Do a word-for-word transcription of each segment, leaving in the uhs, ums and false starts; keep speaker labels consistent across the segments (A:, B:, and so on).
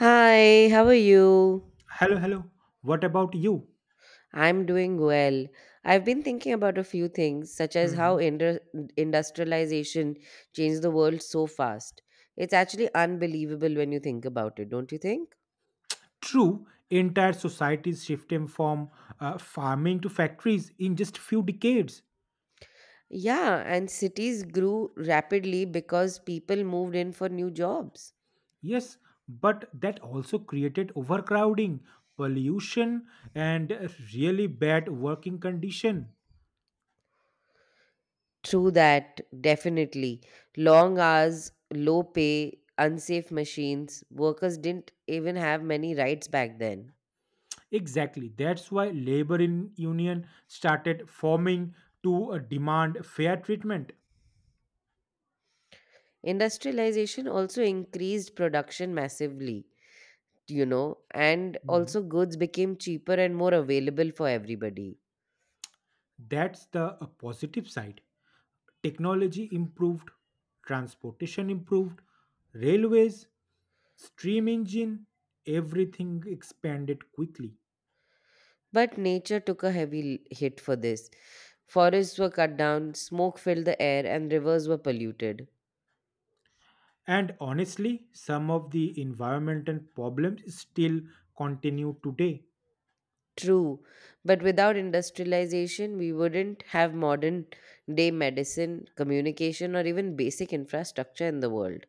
A: Hi, how are you?
B: Hello, hello. What about you?
A: I'm doing well. I've been thinking about a few things, such as how
B: hmm
A: indu- industrialization changed the world so fast. It's actually unbelievable when you think about it, don't you think?
B: True, entire societies shifted from uh, farming to factories in just few decades.
A: Yeah, and cities grew rapidly because people moved in for new jobs.
B: Yes, but that also created overcrowding, pollution, and a really bad working condition.
A: True that, definitely. Long hours, low pay, unsafe machines, workers didn't even have many rights back then.
B: Exactly. That's why labor in union started forming to uh, demand fair treatment.
A: Industrialization also increased production massively, you know, and
B: hmm
A: also goods became cheaper and more available for everybody.
B: That's the uh, positive side. Technology improved, transportation improved, railways, steam engine, everything expanded quickly.
A: But nature took a heavy l- hit for this. Forests were cut down, smoke filled the air, and rivers were polluted.
B: And honestly, some of the environmental problems still continue today.
A: True, but without industrialization, we wouldn't have modern day medicine, communication, or even basic infrastructure in the world.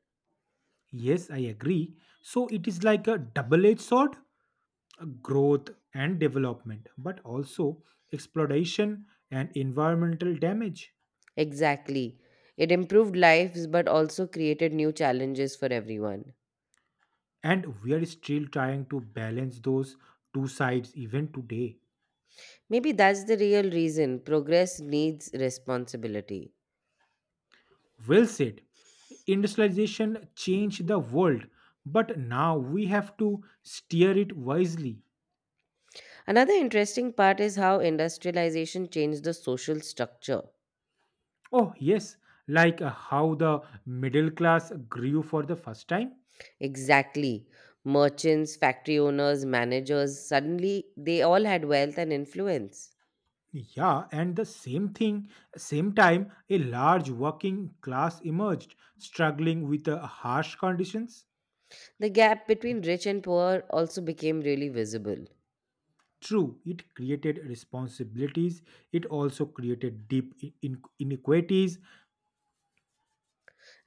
B: Yes, I agree. So it is like a double edged sword, uh, growth and development, but also exploitation and environmental damage.
A: Exactly. It improved lives but also created new challenges for everyone.
B: And we are still trying to balance those two sides even today.
A: Maybe that's the real reason progress needs responsibility.
B: Well said. Industrialization changed the world, but now we have to steer it wisely.
A: Another interesting part is how industrialization changed the social structure.
B: Oh, yes, like uh, how the middle class grew for the first time.
A: Exactly. Merchants, factory owners, managers, suddenly they all had wealth and influence.
B: Yeah, and the same thing, same time, a large working class emerged, struggling with uh, harsh conditions.
A: The gap between rich and poor also became really visible.
B: True, it created responsibilities, it also created deep in- in- inequities,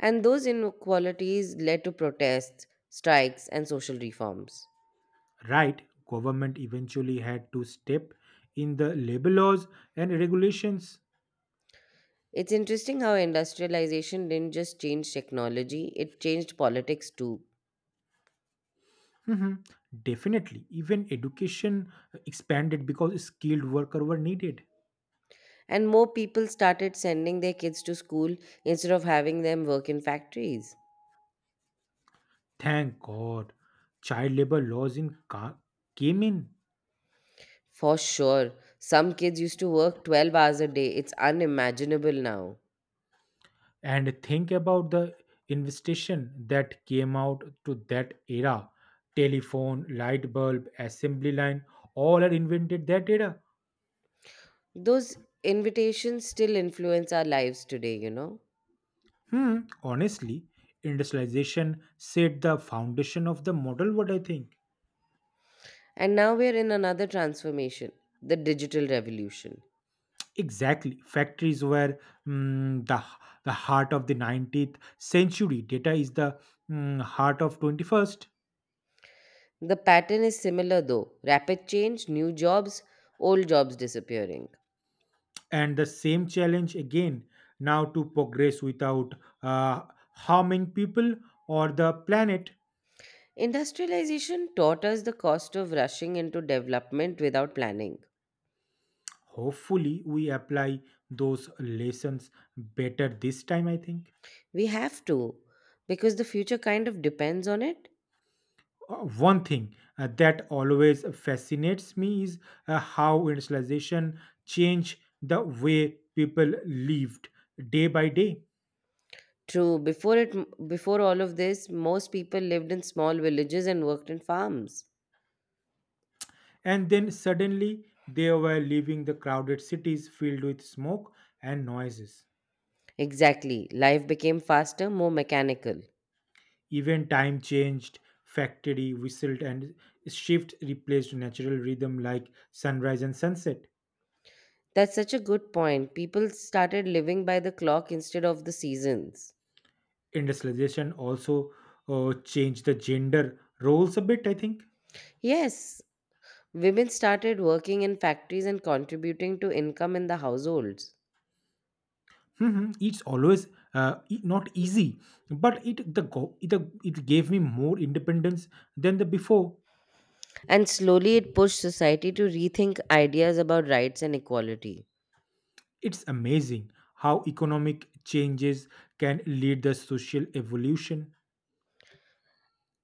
A: And those inequalities led to protests, strikes, and social reforms.
B: right, government eventually had to step in the labor laws and regulations.
A: It's interesting how industrialization didn't just change technology, it changed politics too.
B: Mhm. Definitely, even education uh, expanded because skilled workers were needed.
A: And more people started sending their kids to school instead of having them work in factories.
B: Thank god, child labor laws in ca- came in.
A: For sure, some kids used to work twelve hours a day. It's unimaginable now.
B: And think about the investation that came out to that era, telephone, light bulb, assembly line, all are invented that era.
A: Those invitations still influence our lives today, you know.
B: Hmm, honestly, industrialization set the foundation of the model, what I think.
A: And now we're in another transformation, the digital revolution.
B: Exactly. Factories were, mm, the, the heart of the nineteenth century. Data is the, mm, heart of twenty-first.
A: The pattern is similar, though: rapid change, new jobs, old jobs disappearing.
B: And the same challenge again now to progress without uh, harming people or the planet.
A: Industrialization taught us the cost of rushing into development without planning.
B: Hopefully, we apply those lessons better this time, I think.
A: We have to, because the future kind of depends on it.
B: Uh, one thing uh, that always fascinates me is uh, how industrialization changed the way people lived day by day.
A: True, before it before all of this, most people lived in small villages and worked in farms.
B: And then suddenly they were leaving the crowded cities filled with smoke and noises.
A: Exactly. Life became faster, more mechanical.
B: Even time changed, factory whistled and shift replaced natural rhythm like sunrise and sunset.
A: That's such a good point. People started living by the clock instead of the seasons.
B: Industrialization also uh, changed the gender roles a bit, I think.
A: Yes, women started working in factories and contributing to income in the households.
B: Mhm. It's always uh, e- not easy, but it the go it, the- it gave me more independence than the before.
A: And slowly it pushed society to rethink ideas about rights and equality.
B: It's amazing how economic changes can lead the social evolution.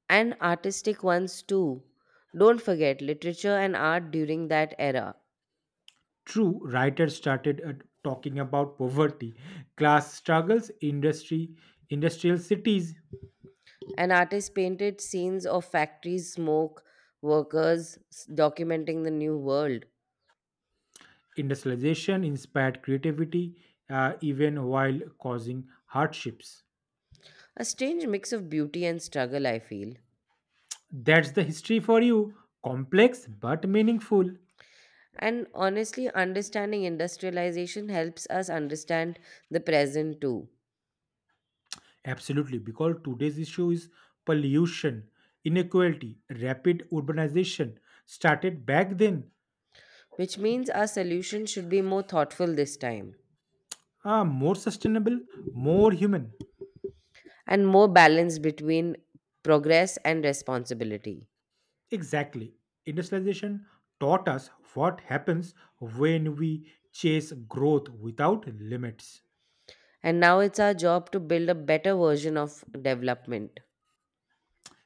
A: And artistic ones too. Don't forget literature and art during that era.
B: True, writers started uh, talking about poverty, class struggles, industry, industrial cities.
A: An artist painted scenes of factories, smoke, workers s- documenting the new world.
B: Industrialization inspired creativity, uh, even while causing hardships.
A: A strange mix of beauty and struggle, I feel.
B: That's the history for you. Complex but meaningful.
A: And honestly, understanding industrialization helps us understand the present too,
B: Absolutely, because today's issue is pollution, inequality, rapid urbanization started back then.
A: which means our solution should be more thoughtful this time
B: Ah, more sustainable, more human.
A: and more balanced between progress and responsibility.
B: Exactly. Industrialization taught us what happens when we chase growth without limits.
A: And now it's our job to build a better version of development.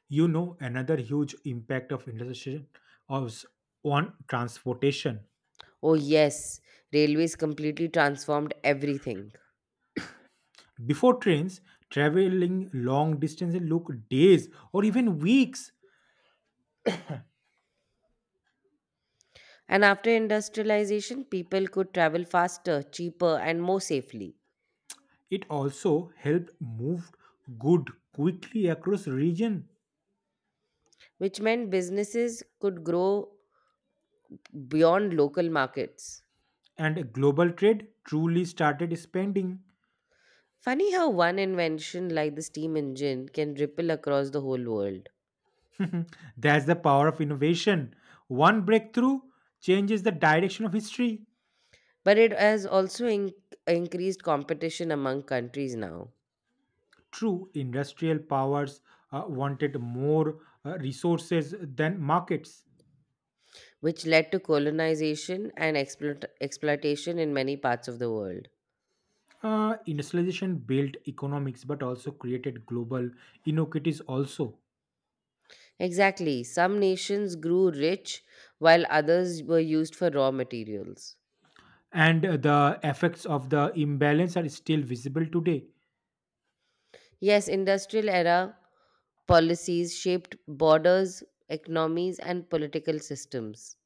B: You know, another huge impact of industrialization was on transportation.
A: Oh, yes, railways completely transformed everything.
B: Before trains, traveling long distances look days or even weeks.
A: And after industrialization, people could travel faster, cheaper, and more safely,
B: It also helped move good quickly across region,
A: which meant businesses could grow beyond local markets.
B: and global trade truly started expanding.
A: Funny how one invention like the steam engine can ripple across the whole world.
B: That's the power of innovation. One breakthrough changes the direction of history.
A: But it has also in- increased competition among countries now.
B: True, industrial powers uh, wanted more uh, resources than markets.
A: Which led to colonization and exploit- exploitation in many parts of the world.
B: Uh, industrialization built economics but also created global inequities also.
A: Exactly, some nations grew rich while others were used for raw materials.
B: And uh, the effects of the imbalance are still visible today.
A: Yes, industrial era policies shaped borders, economies, and political systems.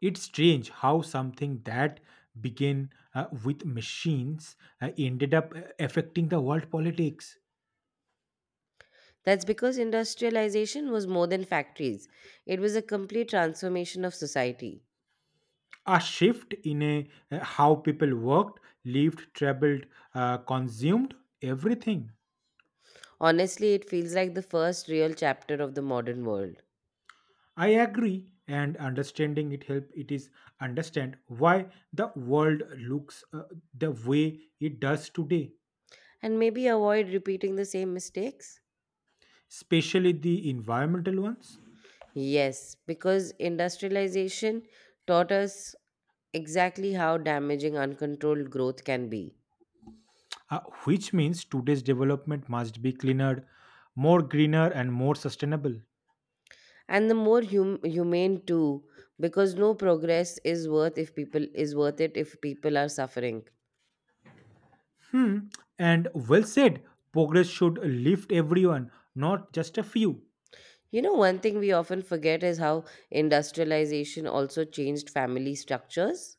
B: It's strange how something that began uh, with machines uh, ended up uh, affecting the world politics.
A: That's because industrialization was more than factories, it was a complete transformation of society.
B: A shift in a, uh, how people worked, lived, traveled, uh, consumed everything.
A: Honestly, it feels like the first real chapter of the modern world.
B: I agree, and understanding it help it is understand why the world looks, uh, the way it does today,
A: And maybe avoid repeating the same mistakes?
B: especially the environmental ones.
A: Yes, because industrialization taught us exactly how damaging uncontrolled growth can be.
B: Uh, which means today's development must be cleaner, more greener, and more sustainable.
A: And the more hum- humane too, because no progress is worth if people is worth it if people are suffering.
B: Hmm. And well said, progress should lift everyone, not just a few.
A: You know, one thing we often forget is how industrialization also changed family structures.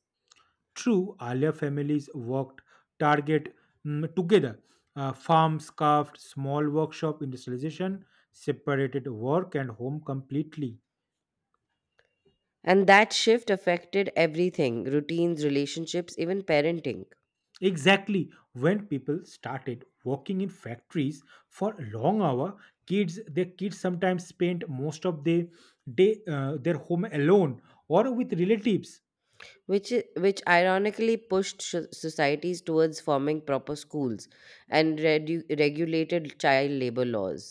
B: True, earlier families worked target, mm, together. Uh, farms carved small workshop, industrialization separated work and home completely.
A: And that shift affected everything: routines, relationships, even parenting.
B: Exactly. When people started working in factories for long hour, kids their kids sometimes spent most of the day uh, their home alone or with relatives.
A: which i- which ironically pushed so- societies towards forming proper schools and redu- regulated child labor laws.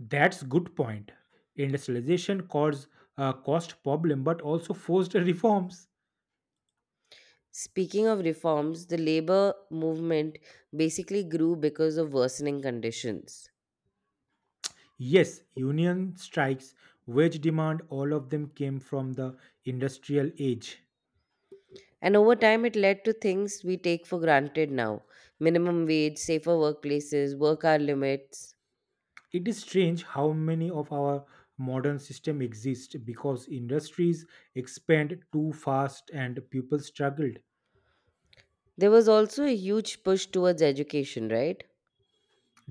B: That's good point. Industrialization caused uh, cost problem, but also forced reforms.
A: Speaking of reforms, the labor movement basically grew because of worsening conditions.
B: Yes, union strikes, wage demand, all of them came from the industrial age.
A: And over time, it led to things we take for granted now: minimum wage, safer workplaces, work hour limits.
B: It is strange how many of our modern system exist because industries expand too fast and people struggled.
A: There was also a huge push towards education, right?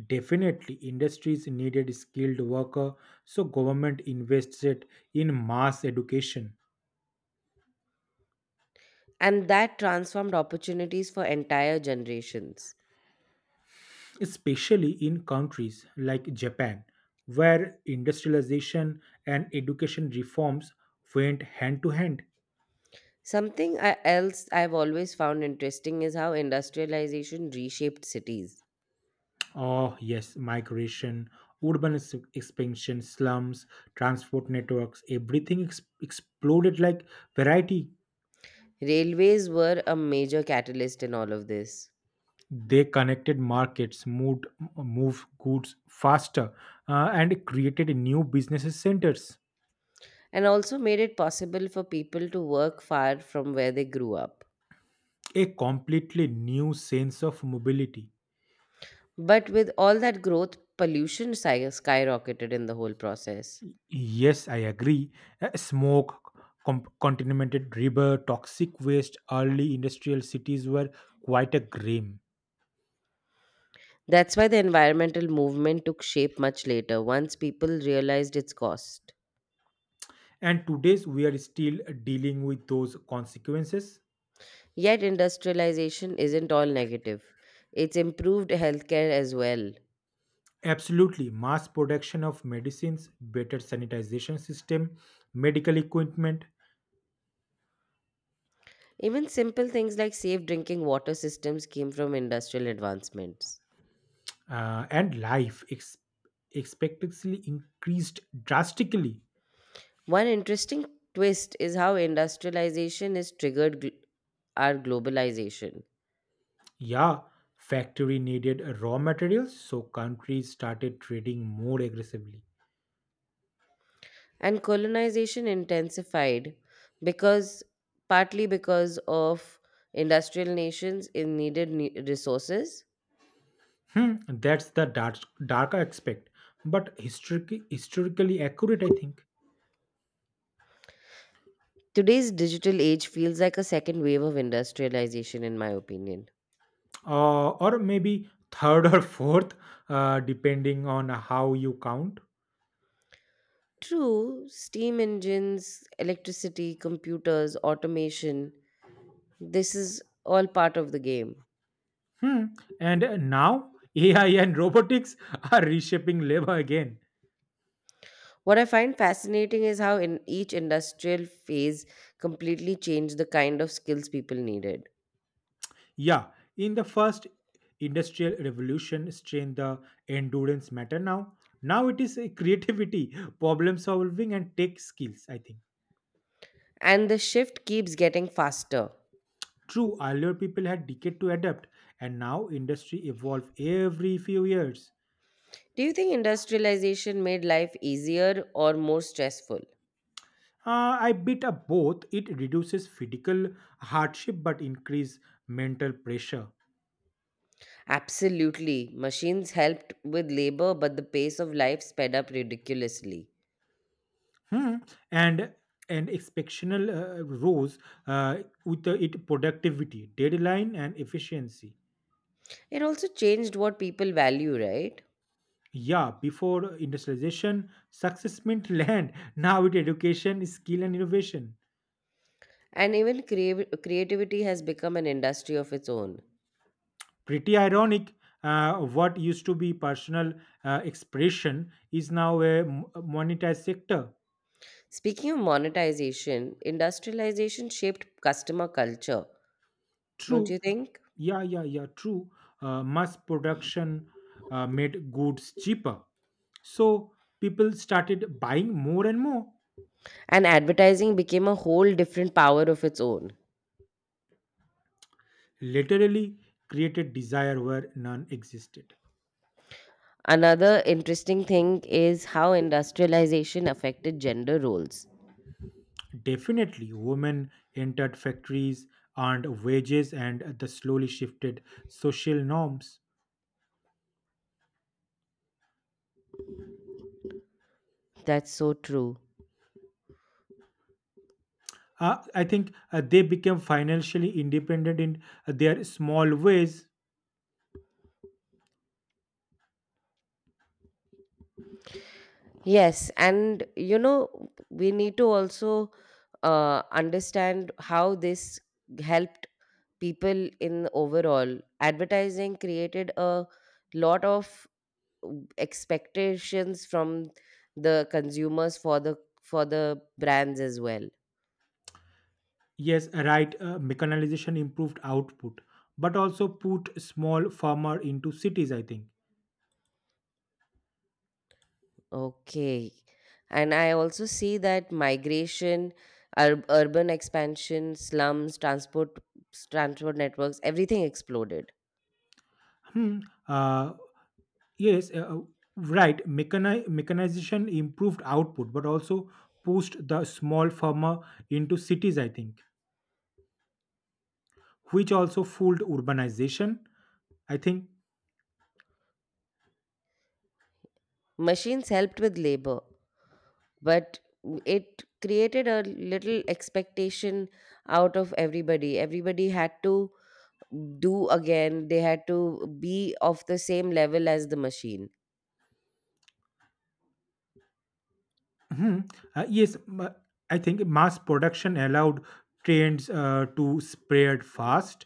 B: Definitely, industries needed skilled worker, so government invested in mass education,
A: And that transformed opportunities for entire generations.
B: especially in countries like Japan, where industrialization and education reforms went hand to hand.
A: Something I- else I've always found interesting is how industrialization reshaped cities.
B: Oh, yes, migration, urban ex- expansion, slums, transport networks, everything ex- exploded like variety.
A: Railways were a major catalyst in all of this,
B: They connected markets, moved, moved goods faster, uh, and created new businesses centers.
A: and also made it possible for people to work far from where they grew up.
B: A completely new sense of mobility.
A: But with all that growth, pollution sky- skyrocketed in the whole process.
B: Yes, I agree. Uh, Smoke, com- contaminated river, toxic waste, early industrial cities were quite a grim.
A: That's why the environmental movement took shape much later, once people realized its cost.
B: And today's we are still dealing with those consequences.
A: Yet, industrialization isn't all negative, it's improved healthcare as well.
B: Absolutely, mass production of medicines, better sanitization system, medical equipment,
A: Even simple things like safe drinking water systems came from industrial advancements.
B: uh, and life ex- expectancy increased drastically.
A: One interesting twist is how industrialization has triggered gl- our globalization,
B: Yeah, factory needed raw materials, so countries started trading more aggressively.
A: and colonization intensified because partly because of industrial nations in needed ne- resources.
B: Hmm, that's the dark, darker aspect, but historically, historically accurate, I think.
A: Today's digital age feels like a second wave of industrialization, in my opinion.
B: Uh, or maybe third or fourth, uh, depending on how you count.
A: True, steam engines, electricity, computers, automation. This is all part of the game.
B: Hmm. And now A I and robotics are reshaping labor again.
A: What I find fascinating is how in each industrial phase completely changed the kind of skills people needed.
B: Yeah, in the first industrial revolution, strain the endurance matter now. Now it is a creativity, problem solving, and tech skills, I think.
A: And the shift keeps getting faster.
B: True, earlier people had decade to adapt, and now industry evolve every few years.
A: Do you think industrialization made life easier or more stressful?
B: Uh, I bit up both. It reduces physical hardship but increase mental pressure.
A: Absolutely. Machines helped with labor, but the pace of life sped up ridiculously.
B: Hmm. And and exceptional uh, rose uh, with the, it productivity, deadline, and efficiency.
A: It also changed what people value, right?
B: Yeah, before industrialization, success meant land. Now it education, skill, and innovation.
A: And even creav creativity has become an industry of its own.
B: Pretty ironic. Uh, what used to be personal uh, expression is now a m- monetized sector.
A: Speaking of monetization, industrialization shaped customer culture, don't you
B: True.
A: think?
B: Yeah, yeah, yeah. True. Uh, mass production uh, made goods cheaper. So people started buying more and more,
A: And advertising became a whole different power of its own.
B: literally created desire where none existed.
A: Another interesting thing is how industrialization affected gender roles.
B: Definitely, women entered factories, earned wages, and the slowly shifted social norms.
A: That's so true.
B: Uh, I think uh, they became financially independent in their small ways.
A: Yes, and you know, we need to also uh, understand how this helped people in overall. Advertising created a lot of expectations from the consumers for the for the brands as well.
B: Yes, right. Uh, mechanization improved output, but also put small farmer into cities, I think.
A: Okay, and I also see that migration, ur- urban expansion, slums, transport transport networks, everything exploded.
B: Hmm. Uh, yes. Uh, uh, right. Mechani- mechanization improved output, but also pushed the small farmer into cities, I think, which also fueled urbanization, I think.
A: Machines helped with labor, but it created a little expectation out of everybody everybody had to, do again, they had to be of the same level as the machine.
B: Hmm, uh, yes. ma- I think mass production allowed trends uh, to spread fast.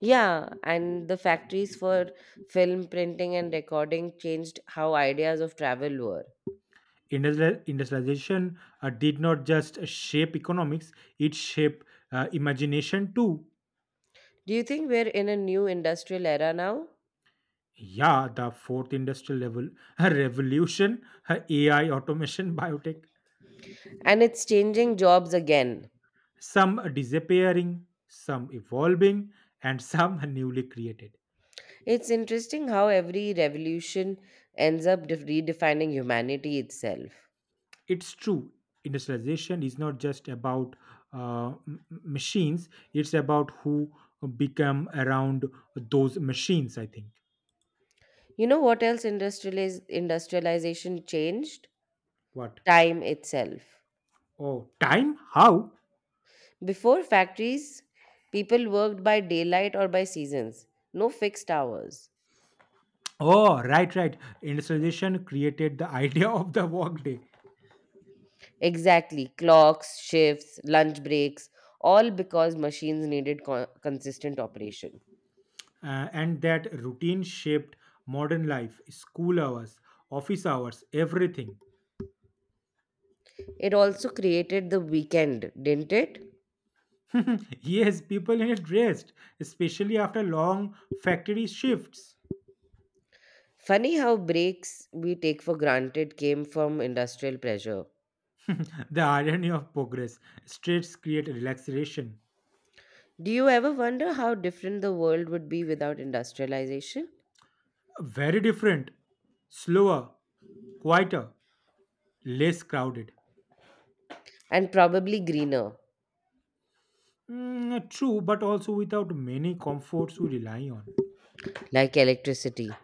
A: Yeah, and the factories for film printing and recording changed how ideas of travel were.
B: Industrial, industrialization uh, did not just shape economics, it shaped uh, imagination too.
A: Do you think we're in a new industrial era now?
B: Yeah, the fourth industrial level revolution, uh, A I, automation, biotech,
A: And it's changing jobs again.
B: some disappearing, some evolving, and some newly created.
A: It's interesting how every revolution ends up def- redefining humanity itself.
B: It's true, industrialization is not just about uh, m- m- machines, it's about who become around those machines, I think.
A: You know what else industrializ- industrialization changed?
B: What?
A: Time itself.
B: Oh, time? How?
A: Before factories, people worked by daylight or by seasons, no fixed hours.
B: Oh, right, right. Industrialization created the idea of the workday,
A: Exactly. Clocks, shifts, lunch breaks, all because machines needed co- consistent operation.
B: uh, and that routine shaped modern life, school hours, office hours, everything.
A: It also created the weekend, didn't it?
B: Yes, people in it dressed, especially after long factory shifts.
A: Funny how breaks we take for granted came from industrial pressure.
B: The irony of progress. Streets create relaxation.
A: Do you ever wonder how different the world would be without industrialization?
B: Very different, slower, quieter, less crowded.
A: And probably greener,
B: Mm, true, but also without many comforts we rely on.
A: like electricity.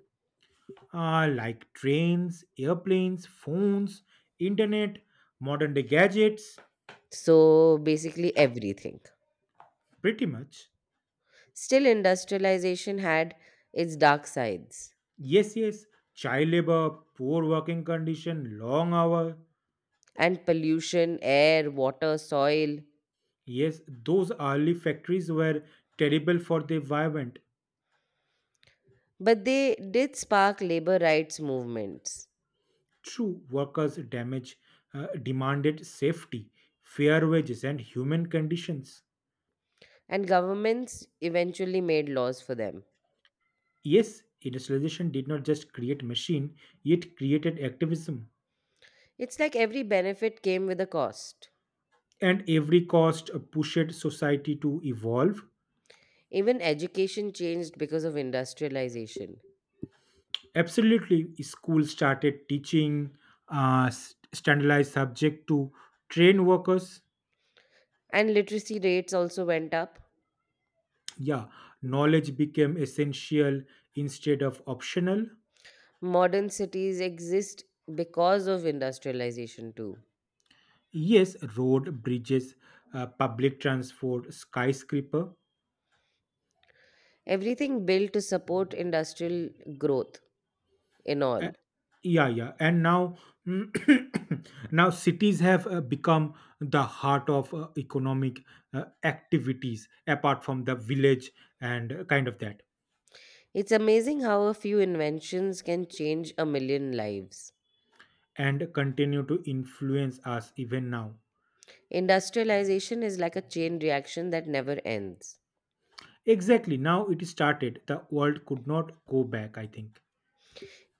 B: uh, Like trains, airplanes, phones, internet, modern day gadgets,
A: So basically, everything.
B: pretty much.
A: Still, industrialization had its dark sides.
B: Yes, yes, child labor, poor working condition, long hour.
A: And pollution: air, water, soil.
B: Yes, those early factories were terrible for the environment.
A: But they did spark labor rights movements,
B: True, workers damage uh, demanded safety, fair wages, and human conditions.
A: and governments eventually made laws for them.
B: Yes, industrialization did not just create machine; it created activism.
A: It's like every benefit came with a cost.
B: And every cost uh, pushed society to evolve.
A: Even education changed because of industrialization,
B: Absolutely, schools started teaching uh, s- standardized subject to train workers.
A: and literacy rates also went up.
B: Yeah, knowledge became essential instead of optional.
A: Modern cities exist because of industrialization, too.
B: Yes, road, bridges, uh, public transport, skyscraper.
A: Everything built to support industrial growth, in
B: Uh,
A: all.
B: yeah, yeah, and now now cities have uh, become the heart of uh, economic uh, activities apart from the village and uh, kind of that,
A: It's amazing how a few inventions can change a million lives.
B: and continue to influence us even now.
A: Industrialization is like a chain reaction that never ends.
B: Exactly, now it started the world could not go back, I think.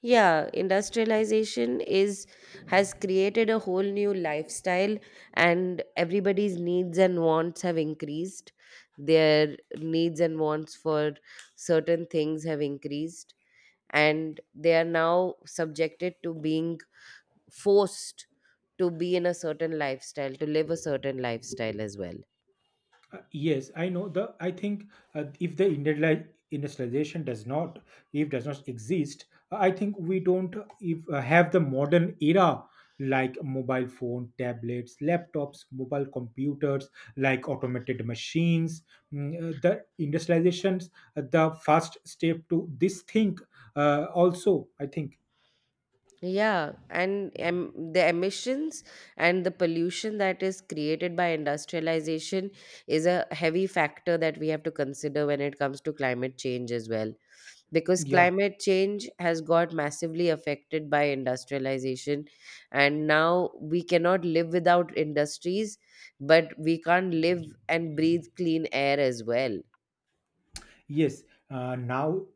A: Yeah, industrialization is has created a whole new lifestyle and everybody's needs and wants have increased. Their needs and wants for certain things have increased, and they are now subjected to being forced to be in a certain lifestyle, to live a certain lifestyle as well.
B: Uh, yes, I know the. I think uh, if the industriali- industrialization does not, if does not exist, I think we don't if uh, have the modern era like mobile phone, tablets, laptops, mobile computers, like automated machines. Mm, uh, the industrializations, uh, the first step to this thing. Uh, also, I think,
A: Yeah, and em- the emissions and the pollution that is created by industrialization is a heavy factor that we have to consider when it comes to climate change as well. Because
B: yeah.
A: climate change has got massively affected by industrialization, and now we cannot live without industries, but we can't live and breathe clean air as well.
B: Yes, uh, now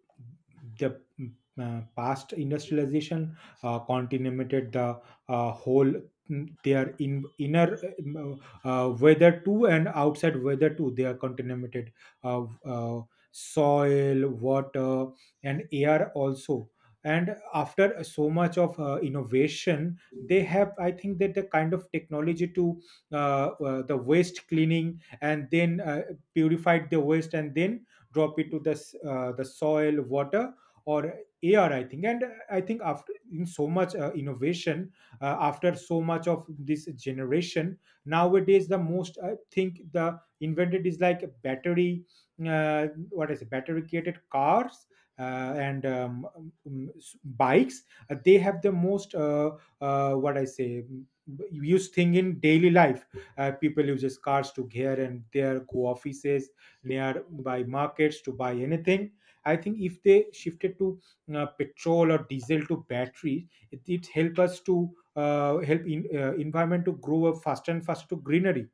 B: the mm, uh, past industrialization uh, contaminated the uh, whole, mm, their in, inner, mm, uh, uh, weather too and outside weather too. They are contaminated, uh, uh, soil, water, and air also. And after so much of uh, innovation, they have, I think, that the kind of technology to uh, uh, the waste cleaning, and then uh, purified the waste and then drop it to the s- uh, the soil, water, or air, I think. And I think after in so much uh, innovation, uh, after so much of this generation, nowadays the most I think the invented is like battery. Uh, what is it, battery created cars, uh, and um, um, s- bikes. Uh, they have the most, uh, uh, what I say mm, use thing in daily life. Uh, people uses cars to here and there, go offices, nearby markets to buy anything. I think if they shifted to uh, petrol or diesel to batteries, it, it help us to uh, help in uh, environment to grow up faster and faster to greenery,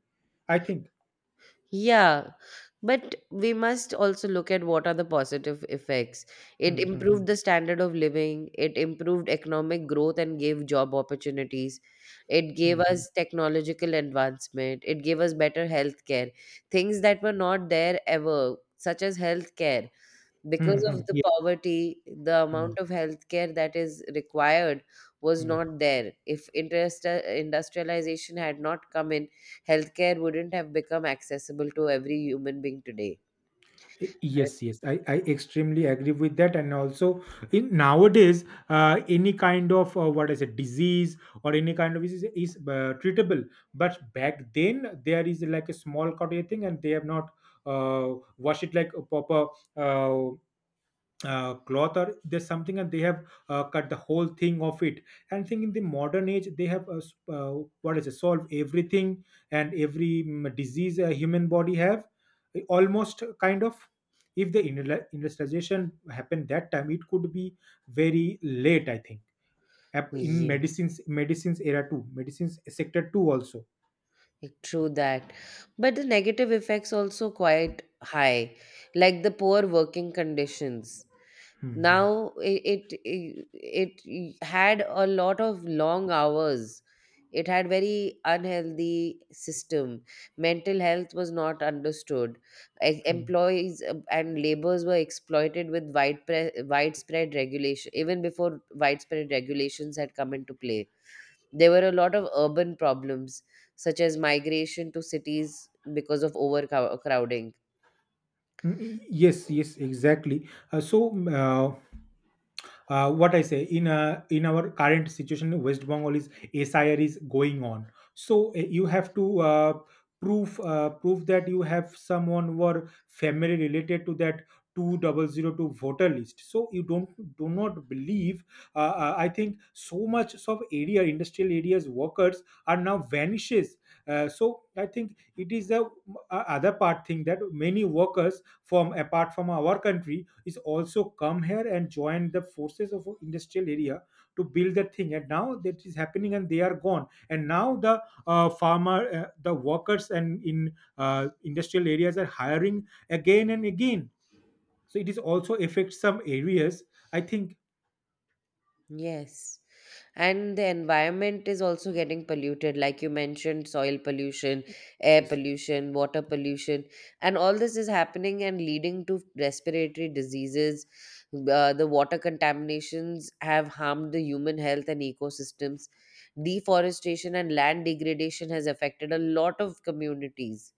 B: I think.
A: Yeah, but we must also look at what are the positive effects. It
B: Hmm, hmm, hmm,
A: improved the standard of living, it improved economic growth and gave job opportunities. It gave
B: hmm, hmm.
A: us technological advancement, it gave us better healthcare, things that were not there ever, such as healthcare.
B: Hmm,
A: Because
B: hmm,
A: of the
B: yeah.
A: poverty, the
B: Hmm,
A: amount of healthcare that is required was
B: hmm.
A: not there. If interest, uh, industrialization had not come in, healthcare wouldn't have become accessible to every human being today.
B: Yes, yes, I, I extremely agree with that. And also, in nowadays, uh, any kind of uh, what is a disease or any kind of disease is uh, treatable. But back then, there is like a small cut thing, and they have not uh, washed it like a proper. Uh, uh, cloth or there's something, and they have uh, cut the whole thing of it, and think in the modern age they have uh, s- uh, what is it, solve everything and every mm, disease a human body have, uh, almost kind of, if the industrial- industrialization happened that time, it could be very late, I think. Ap- in
A: Yeah,
B: medicines medicines era too, medicines sector too, also.
A: true that. But the negative effects also quite high, like the poor working conditions.
B: Mhm.
A: Now it it, it had a lot of long hours. It had very unhealthy system. Mental health was not understood. E-
B: Mhm.
A: employees uh, and laborers were exploited with wide pre- widespread regulation, even before widespread regulations had come into play. There were a lot of urban problems, such as migration to cities because of overcrowding.
B: Mm, y- yes, yes, exactly, uh, so mm, uh, uh, what I say in uh, in our current situation, West Bengal is, S I R is going on. So uh, you have to uh, prove uh, prove that you have someone who are family related to that two thousand two voter list. So you don't do not believe. Uh, uh, I think so much of area industrial areas workers are now vanishes. Uh, so I think it is the uh, other part thing, that many workers from apart from our country is also come here and join the forces of industrial area to build the thing, and now that is happening and they are gone, and now the uh, farmer, uh, the workers and in uh, industrial areas are hiring again and again, so it is also affects some areas, I think.
A: Yes. And the environment is also getting polluted, like you mentioned: soil pollution, air
B: Yes.
A: pollution, water pollution, and all this is happening and leading to respiratory diseases. Uh, the water contaminations have harmed the human health and ecosystems. Deforestation and land degradation has affected a lot of communities,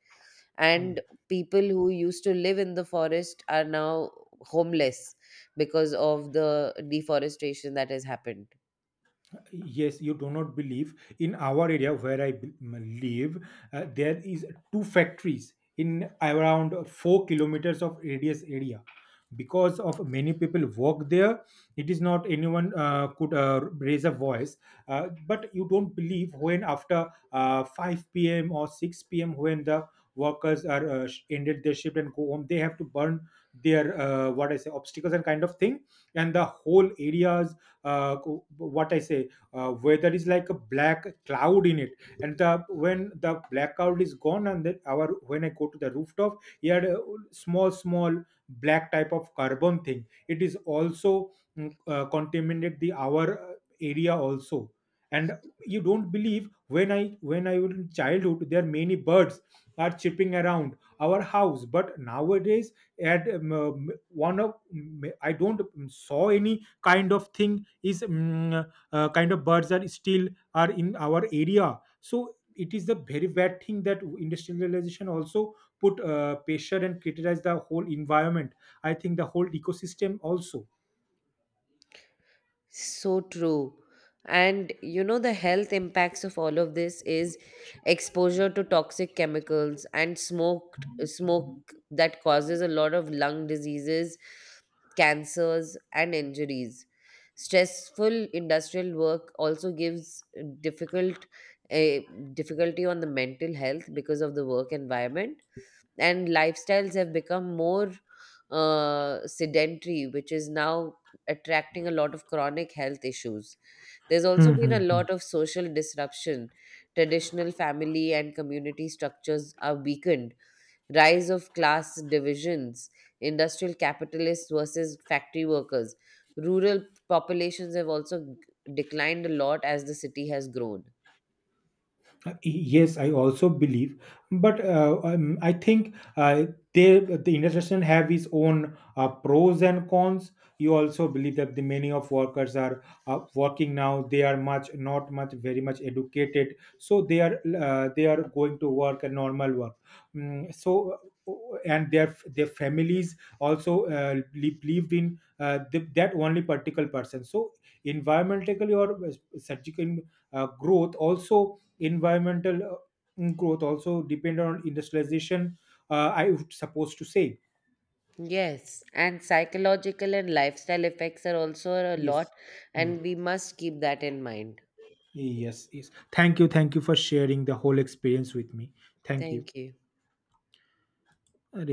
B: Hmm.
A: and people who used to live in the forest are now homeless because of the deforestation that has happened.
B: Yes, you do not believe. In our area where i b- m- live, uh, there is two factories in around four kilometers of radius area. Because of many people work there, it is not anyone uh, could uh, raise a voice, uh, but you don't believe, when after uh, p m or p m, when the workers are uh, sh- ended their shift and go home, they have to burn their uh, what I say obstacles and kind of thing, and the whole areas, uh, co- what I say, uh, weather is like a black cloud in it. And the when the black cloud is gone, and then our when I go to the rooftop, he had a small small black type of carbon thing. It is also mm, uh, contaminated the our uh, area also. And you don't believe, when i when i was in childhood, there are many birds are chirping around our house, but nowadays at um, um, one of mm, I don't mm, saw any kind of thing is mm, uh, kind of birds are still are in our area. So it is the very bad thing, that industrialization also put uh, pressure and criticize the whole environment, I think the whole ecosystem also.
A: So true. And you know, the health impacts of all of this is exposure to toxic chemicals and smoked smoke that causes a lot of lung diseases, cancers, and injuries. Stressful industrial work also gives difficult, a difficulty on the mental health because of the work environment, and lifestyles have become more uh, sedentary, which is now attracting a lot of chronic health issues. There's also
B: Hmm,
A: been
B: hmm,
A: a
B: hmm.
A: lot of social disruption. Traditional family and community structures are weakened. Rise of class divisions, industrial capitalists versus factory workers. Rural populations have also g- declined a lot as the city has grown.
B: Uh, Yes, I also believe, but uh, um, I think uh, they the intersection have its own uh, pros and cons. You also believe that the many of workers are uh, working now. They are much not much very much educated, so they are uh, they are going to work a normal work. Mm, so uh, and their their families also uh, li- lived in uh, the, that only particular person. So environmentally or uh, surgical uh, growth also, environmental uh, growth also depend on industrialization, uh, I would suppose to say.
A: Yes, and psychological and lifestyle effects are also a lot,
B: Yes. Mm.
A: and we must keep that in mind.
B: Yes, yes, thank you, thank you for sharing the whole experience with me. Thank you.
A: Thank you.
B: अरे